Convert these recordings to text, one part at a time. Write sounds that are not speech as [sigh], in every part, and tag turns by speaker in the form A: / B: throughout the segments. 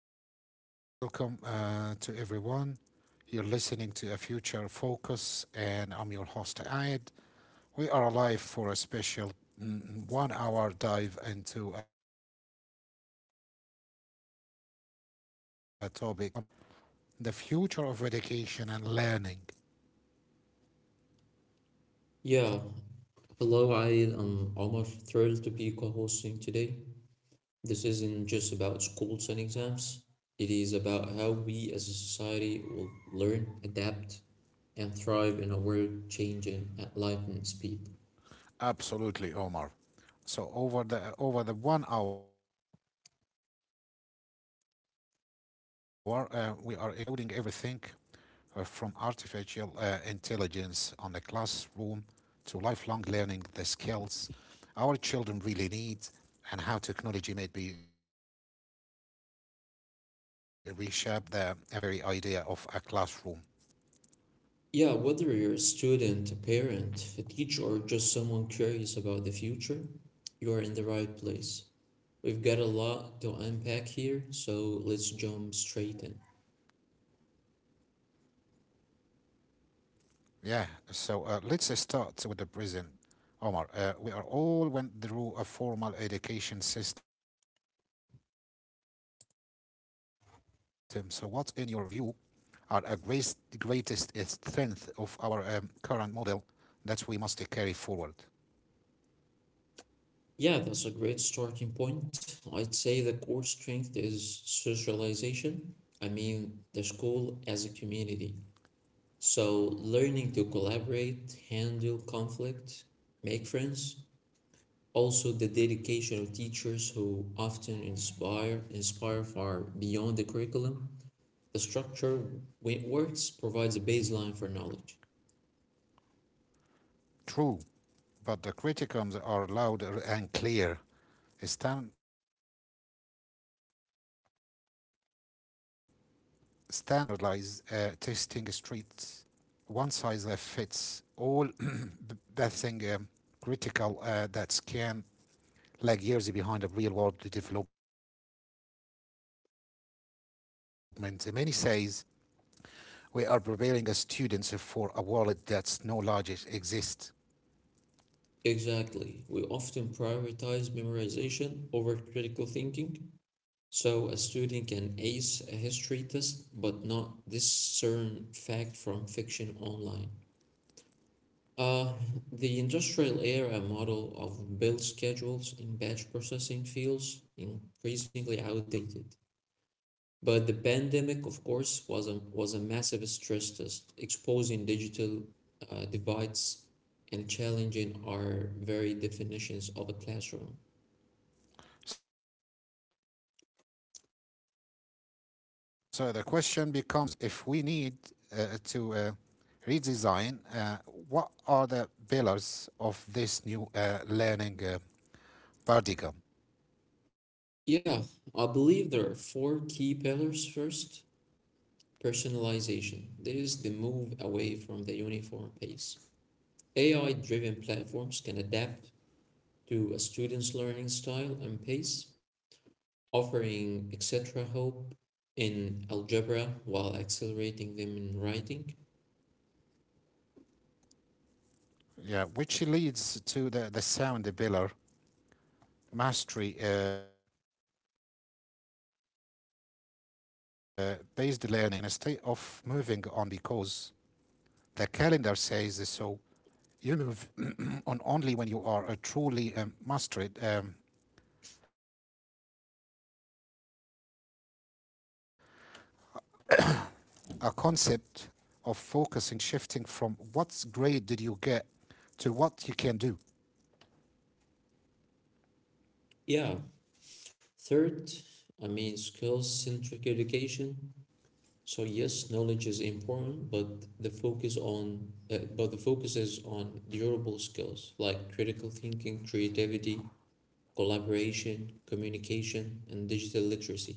A: episode. A very welcome to everyone. You're listening to a Future Focus, and I'm your host, Ayed. We are live for a special 1 hour dive into a topic that's touching every single one of us, the future of education and learning.
B: Yeah, hello. I am Omar, thrilled to be co-hosting today. This isn't just about schools and exams. It is about how we as a society will learn, adapt, and thrive in a world changing at lightning speed.
A: Absolutely, Omar. So over the 1 hour, we are exploding everything from artificial intelligence on the classroom to lifelong learning, the skills our children really need, and how technology may be reshape the very idea of a classroom.
B: Yeah, whether you're a student, a parent, a teacher, or just someone curious about the future, you are in the right place. We've got a lot to unpack here, so let's jump straight in.
A: Yeah, so let's start with the present, Omar. We are all went through a formal education system. So, what, in your view, are a greatest strength of our current model that we must carry forward.
B: Yeah, that's a great starting point. I'd say the core strength is socialization. I mean, the school as a community. So, learning to collaborate, handle conflict, make friends. Also, the dedication of teachers who often inspire far beyond the curriculum. The structure, when it works, provides a baseline for knowledge.
A: True, but the criticisms are louder and clear. Stan- Standardize testing streets. One size fits all [clears throat] [coughs] bathing critical that can lag years behind the real world development. Many says we are preparing students for a world that's no logic exists.
B: Exactly. We often prioritize memorization over critical thinking. So a student can ace a history test but not discern fact from fiction online. Uh, the industrial era model of build schedules in batch processing feels increasingly outdated. But the pandemic, of course, was a massive stress test, exposing digital divides and challenging our very definitions of a classroom.
A: So the question becomes, if we need to redesign, what are the pillars of this new learning paradigm?
B: Yeah, I believe there are four key pillars. First, personalization. There is the move away from the uniform pace. AI driven platforms can adapt to a student's learning style and pace, offering etc. help in algebra while accelerating them in writing.
A: Yeah, which leads to the sound pillar, mastery based learning in a state of moving on because the calendar says so. You move [clears throat] on only when you are truly mastered. A concept of focusing, shifting from what grade did you get to what you can do.
B: Yeah. Third, I mean, skills centric education. So yes, knowledge is important, but the focus on but the focus is on durable skills like critical thinking, creativity, collaboration, communication, and digital literacy.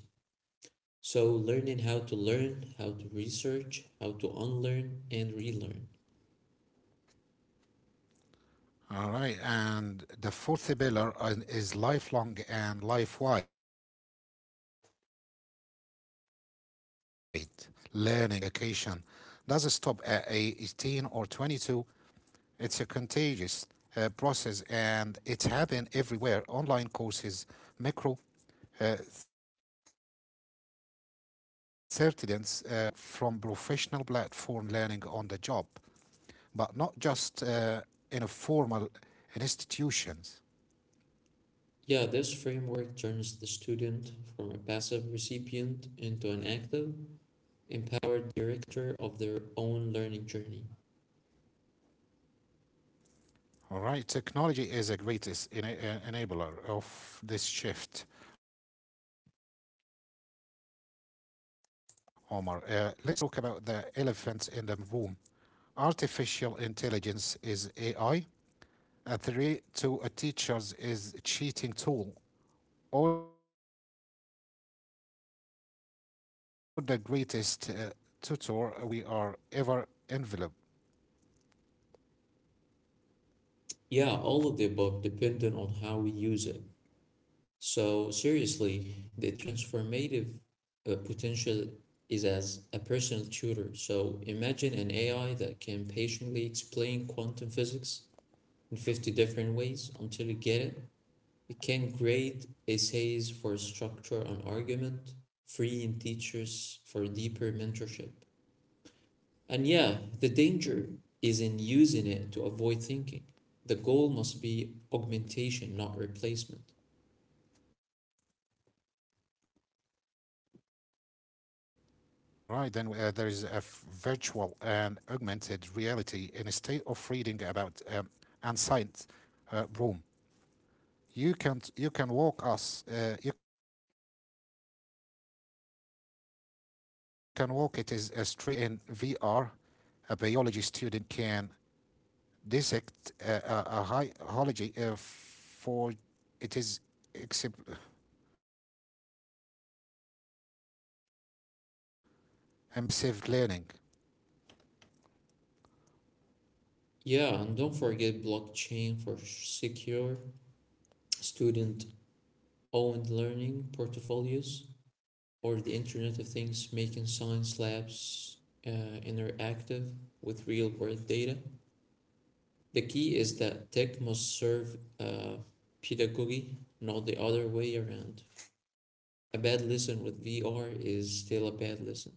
B: So, learning how to learn, how to research, how to unlearn, and relearn.
A: All right. And the fourth pillar is lifelong and life wide learning education. Doesn't stop at 18 or 22. It's a contagious process and it's happened everywhere, online courses, micro certitudes from professional platform learning on the job, but not just in a formal
B: Yeah, this
A: institutions.
B: framework turns the student from a passive recipient into an active, empowered director of their own learning journey.
A: All right, technology is a greatest enabler of this shift, Omar. Let's talk about the elephant in the room. Artificial intelligence is AI. A threat to a teacher's is cheating tool or the greatest tutor we are ever enveloped.
B: Yeah, all of the above, depending on how we use it. So seriously, the transformative potential is as a personal tutor. So imagine an AI that can patiently explain quantum physics in 50 different ways until you get it. It can grade essays for structure and argument, freeing teachers for deeper mentorship. And yeah, the danger is in using it to avoid thinking. The goal must be augmentation, not replacement.
A: All right, then there is a virtual and augmented reality in a state of reading about ancient Rome. You can walk us. You can walk it is a street in VR. A biology student can dissect a high hology for it is except Impressive learning.
B: Yeah, and don't forget blockchain for secure student-owned learning portfolios, or the Internet of Things making science labs uh, interactive with real-world data. The key is that tech must serve pedagogy, not the other way around. A bad lesson with VR is still a bad lesson.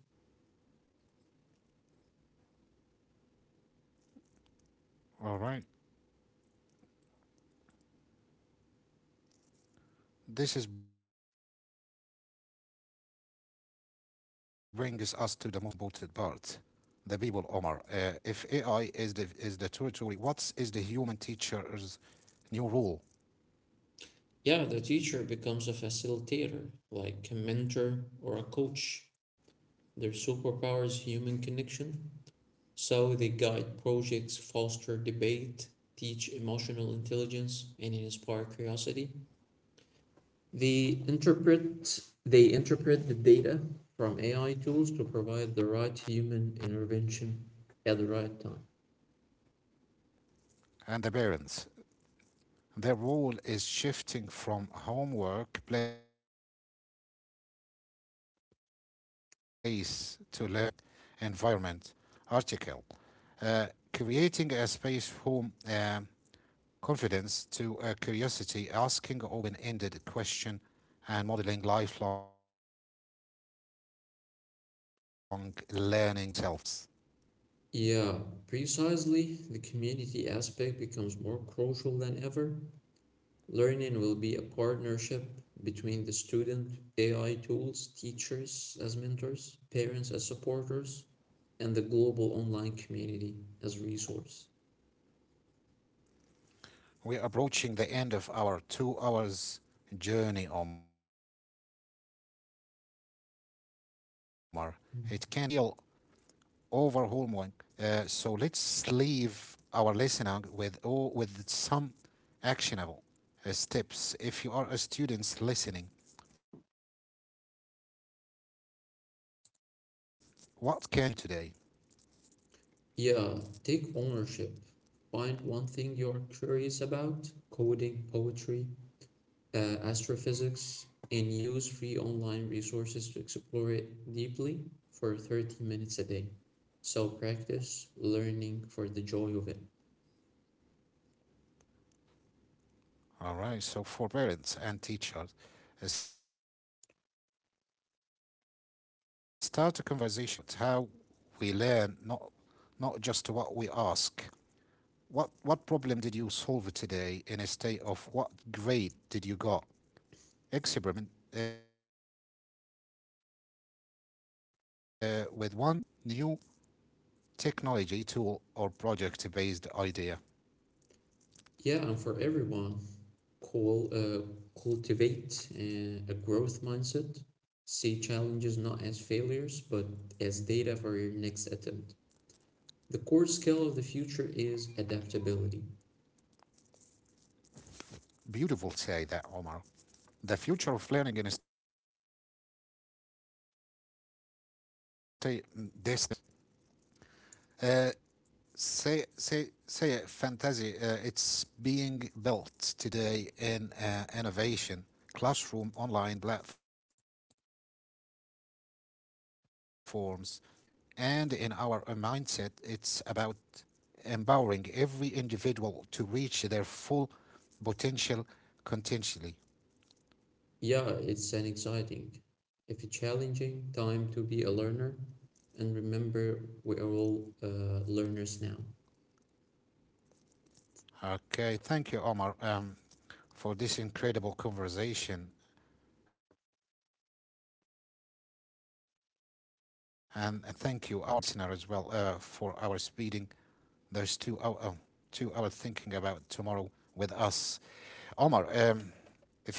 A: All right. This is brings us to the most important part, the people, Omar. If AI is the territory, what is the human teacher's new
B: Yeah, the
A: role
B: teacher becomes a facilitator, like a mentor or a coach. Their superpower is human connection. So they guide projects, foster debate, teach emotional intelligence, and inspire curiosity. They interpret they interpret the data from AI tools to provide the right human intervention at the right time.
A: and the parents? Their role is shifting from homework place to learning environment. Article. Uh, Creating a space home, confidence to curiosity, asking open ended question, and modeling lifelong learning themselves.
B: Yeah, precisely. The community aspect becomes more crucial than ever. Learning will be a partnership between the student, AI tools, teachers as mentors, parents as supporters, and the global online community as resource.
A: We're approaching the end of our 2 hours journey, Omar. It
B: Mm.
A: can feel overwhelming, so let's leave our listener with with some actionable steps. If you are a student listening, what can you do today?
B: Yeah, take ownership. Find one thing you're curious about: coding, poetry, astrophysics, and use free online resources to explore it deeply for 30 minutes a day. So practice learning for the joy of it.
A: All right. So for parents and teachers, start a conversation about how we learn, not just what we ask. What problem did you solve today? In a state of what grade did you got? Experiment with one new technology tool or project based idea.
B: Yeah, and for everyone, Call, uh, cultivate a growth mindset. See challenges not as failures, but as data for your next attempt. The core skill of the future is adaptability.
A: Beautiful, say that Omar. The future of learning in a state distance. Uh, say fantasy, it's being built today in innovation classroom online platforms and in our mindset. It's about empowering every individual to reach their full potential
B: Yeah, it's an
A: continually.
B: exciting, if it's challenging, time to be a learner. And remember, we are all learners now.
A: Okay, thank you, Omar, for this incredible conversation, and thank you our listener as well for our speeding those two oh oh 2 hour thinking about tomorrow with us.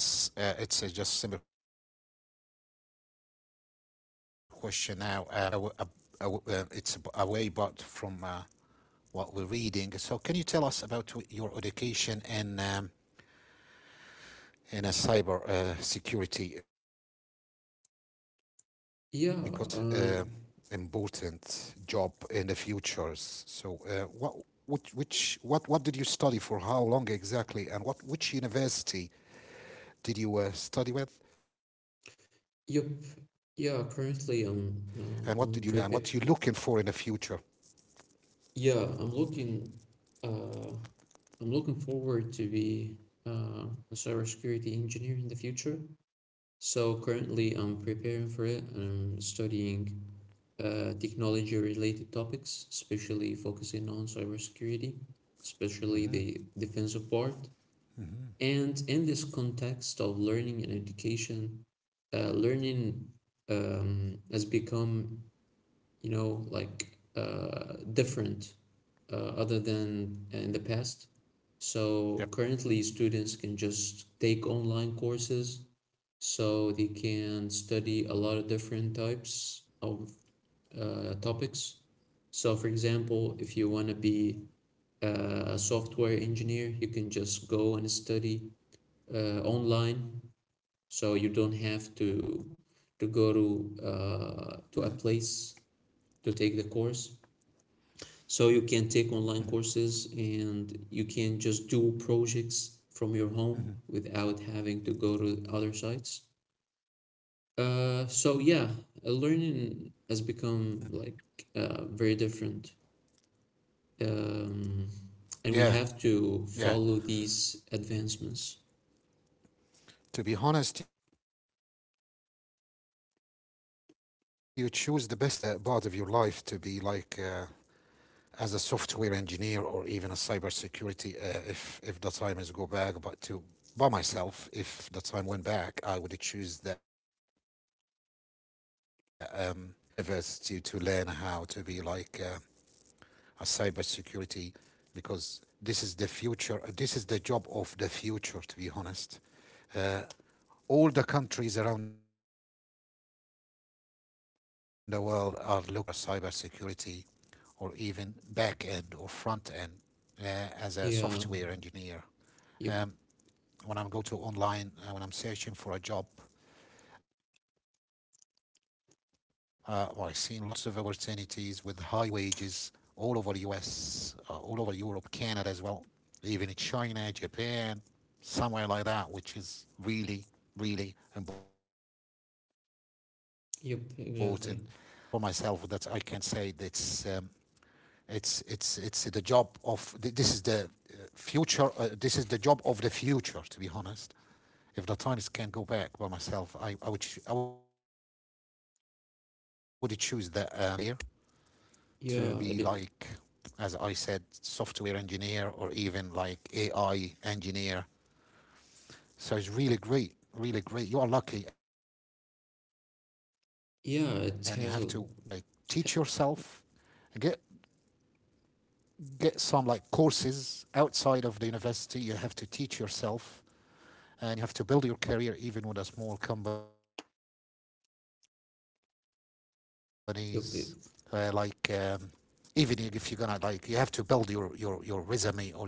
A: Omar, if you can tell us, it's a just simple question now. Aw- it's away but from what we're reading. So, can you tell us about your education in a cyber security, because this
B: Yeah,
A: is the
B: uh,
A: most important job in the futures. So, what, which, what did you study for? How long exactly? And which university did
B: yep.
A: you study
B: Yeah,
A: with?
B: currently I'm
A: And what
B: uh,
A: did you
B: I'm
A: learn? And
B: prepared.
A: what you looking for in the future?
B: Yeah, uh I'm looking forward to be uh, a cybersecurity engineer in the future. So currently, I'm preparing for it and I'm studying technology-related topics, especially focusing on cybersecurity, especially the defensive part. And in this
A: Mm-hmm.
B: context of learning and education,
A: Mm-hmm.
B: learning has become, you know, like different, uh, other than in the past. So currently, students can just take online
A: Yeah.
B: courses, so they can study a lot of different types of topics. So, for example, if you want to be a software engineer, you can just go and study online. So you don't have to to go to uh,
A: Mm-hmm.
B: to a place to take the course. So you can take online courses and you can just
A: Mm-hmm.
B: do projects from your home without having to go to other sites.
A: Mm-hmm.
B: So yeah, learning has become
A: Mm-hmm.
B: like very different, um, and we have to follow these
A: Yeah.
B: advancements.
A: Yeah. To be honest, you choose the best part of your life to be like as a software engineer or even a cybersecurity, if the time is go back. But to by myself, if the time went back, I would choose the university to learn how to be like a cybersecurity, because this is the future. This is the job of the future, to be honest. uh, all the countries around the world are looking for a cybersecurity, or even back end or front end, as a
B: Yeah.
A: software engineer.
B: Yep.
A: Um, when I'm go to online, when I'm searching for a job, I've seen loads of opportunities with high wages all over US, all over Europe, Canada as well, even in China, Japan, somewhere like that, which is really, really important
B: Yep.
A: for myself.
B: Exactly.
A: That I can say that's, it's the job of this is the future. This is the job of the future. To be honest, if the time is can go back by myself, I would choose the career to be like,
B: Yeah. It,
A: as I said, software engineer or even like AI engineer. So it's really great, really great. You are lucky, and you have to just like
B: yeah.
A: teach
B: It has a.
A: yourself, and get some like courses outside of the university. You have to teach yourself and you have to build your career even with a small companies. Uh, like
B: Yep.
A: um,
B: It,
A: Even if you're gonna like, you have to build your resume or your CV,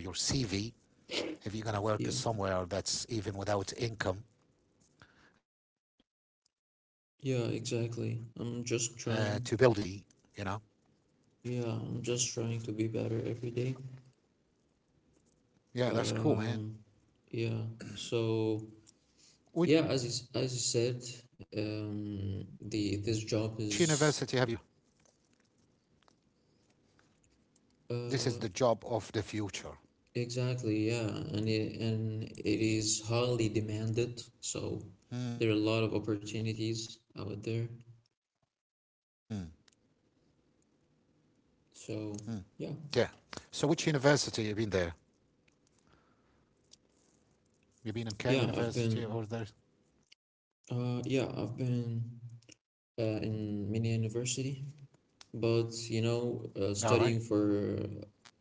A: if you're gonna work
B: yeah.
A: somewhere, that's even without income, to build your
B: Yeah.
A: CV.
B: Exactly.
A: You know.
B: I'm just trying Yeah, I'm just trying to be better every day.
A: Yeah, that's
B: Um,
A: cool, man.
B: yeah. So yeah, as you
A: Which
B: said,
A: university have you been there?
B: the this job is
A: This is the job of
B: uh
A: the future.
B: exactly, yeah, and it is highly demanded. So there are a lot of
A: Hmm.
B: opportunities out there.
A: Hmm. Yeah.
B: So
A: So which
B: yeah,
A: university you been there? You been in
B: yeah,
A: Cairo
B: I've been
A: University or there?
B: yeah, I've been in mini university.
A: All
B: But
A: right.
B: you know, studying for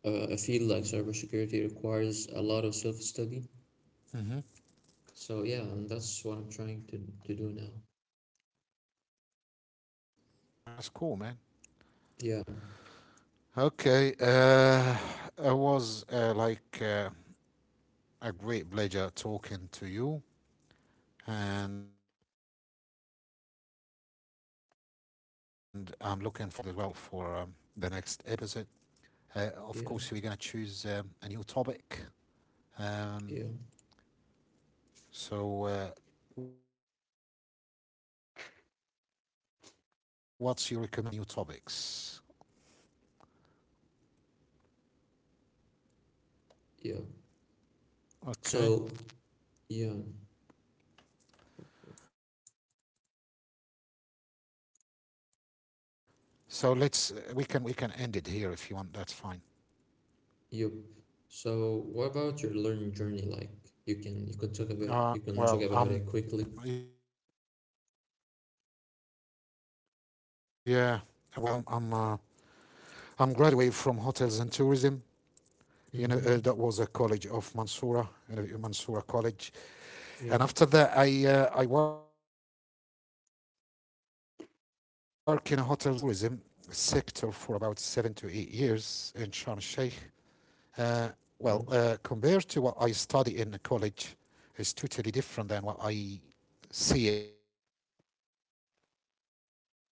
B: a field like cybersecurity requires a lot of self-study.
A: Mm-hmm.
B: So yeah, and that's what I'm trying to do now.
A: All right. Okay, that's cool, man.
B: Yeah,
A: Okay. It was a great pleasure talking to you, and I'm looking forward as well for the next episode. Of course, we're gonna choose a new
B: yeah,
A: topic. Um,
B: yeah,
A: so, what's your recommender for the new topics?
B: yeah.
A: Okay.
B: So yeah,
A: So let's we can end it here if you want. That's fine.
B: yep. So what about your learning journey? Like
A: Uh,
B: you can
A: well,
B: talk about
A: um,
B: it quickly.
A: yeah, well, I'm I'm uh, I'm graduate from hotels and tourism. You know, that was a college of
B: Mm-hmm.
A: Mansoura, you know, Mansoura College. And after that,
B: Yeah.
A: I work in a hotels and tourism sector for about 7 to 8 years in Sharm el Sheikh. Uh, Compared to what
B: Nice.
A: I study in college, is totally different than what I see it in a real life of my work.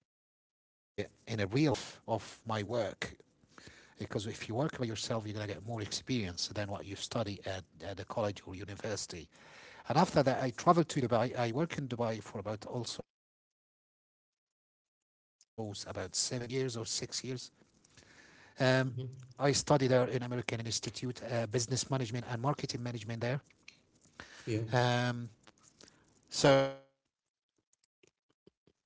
A: Because if you work by yourself, you're gonna get more experience than what you study at the college or university. And after that, I traveled to Dubai. I worked in Dubai for about 7 to 8 years or 6 years. Um, I studied there in American Institute,
B: Mm-hmm.
A: business management and marketing management there. Um,
B: Yeah.
A: so it was good. It helped me a lot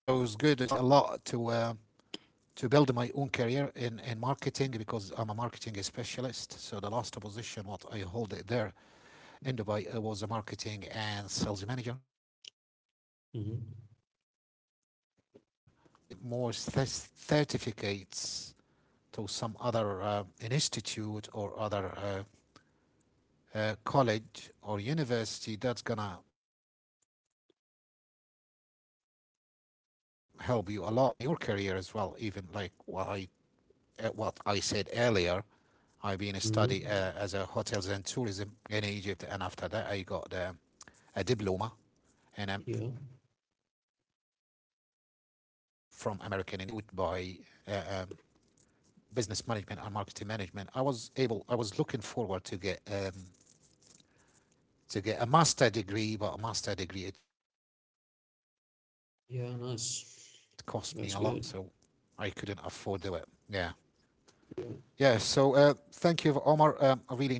A: to build my own career in marketing, because I'm a marketing specialist. So the last position what I hold it there in Dubai was a marketing and sales manager. So uh,
B: Mm-hmm.
A: if you get more uh, more certificates to some other institute or other college or university, that's gonna help you a lot in your career as well. Even like what I said earlier, I've been a study as a hotels and tourism
B: Mm-hmm.
A: in Egypt, and after that I got, a diploma and I'm from American
B: Yeah.
A: Institute by, uh, um, business management and marketing management. I was able I was looking forward to get, to get a master degree, but a master degree it cost me a lot, man. So I
B: Yeah.
A: couldn't afford to do it.
B: Nice.
A: Yeah.
B: That's good.
A: Yeah, so thank
B: Yeah.
A: you, Omar. I really enjoyed talking to you.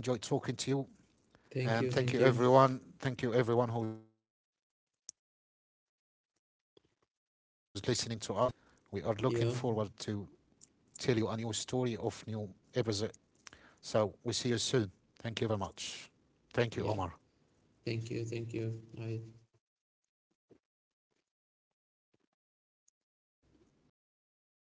A: And
B: Thank
A: thank
B: you.
A: you,
B: Thank you.
A: everyone. Thank you, everyone who's listening to us. We are looking forward to tell you a new
B: Yeah.
A: story of new episode. So we see you soon. Thank you very much. Thank you, Omar.
B: Yeah, thank you, thank you. I
A: يعني ابن الوسخة احنا قايلين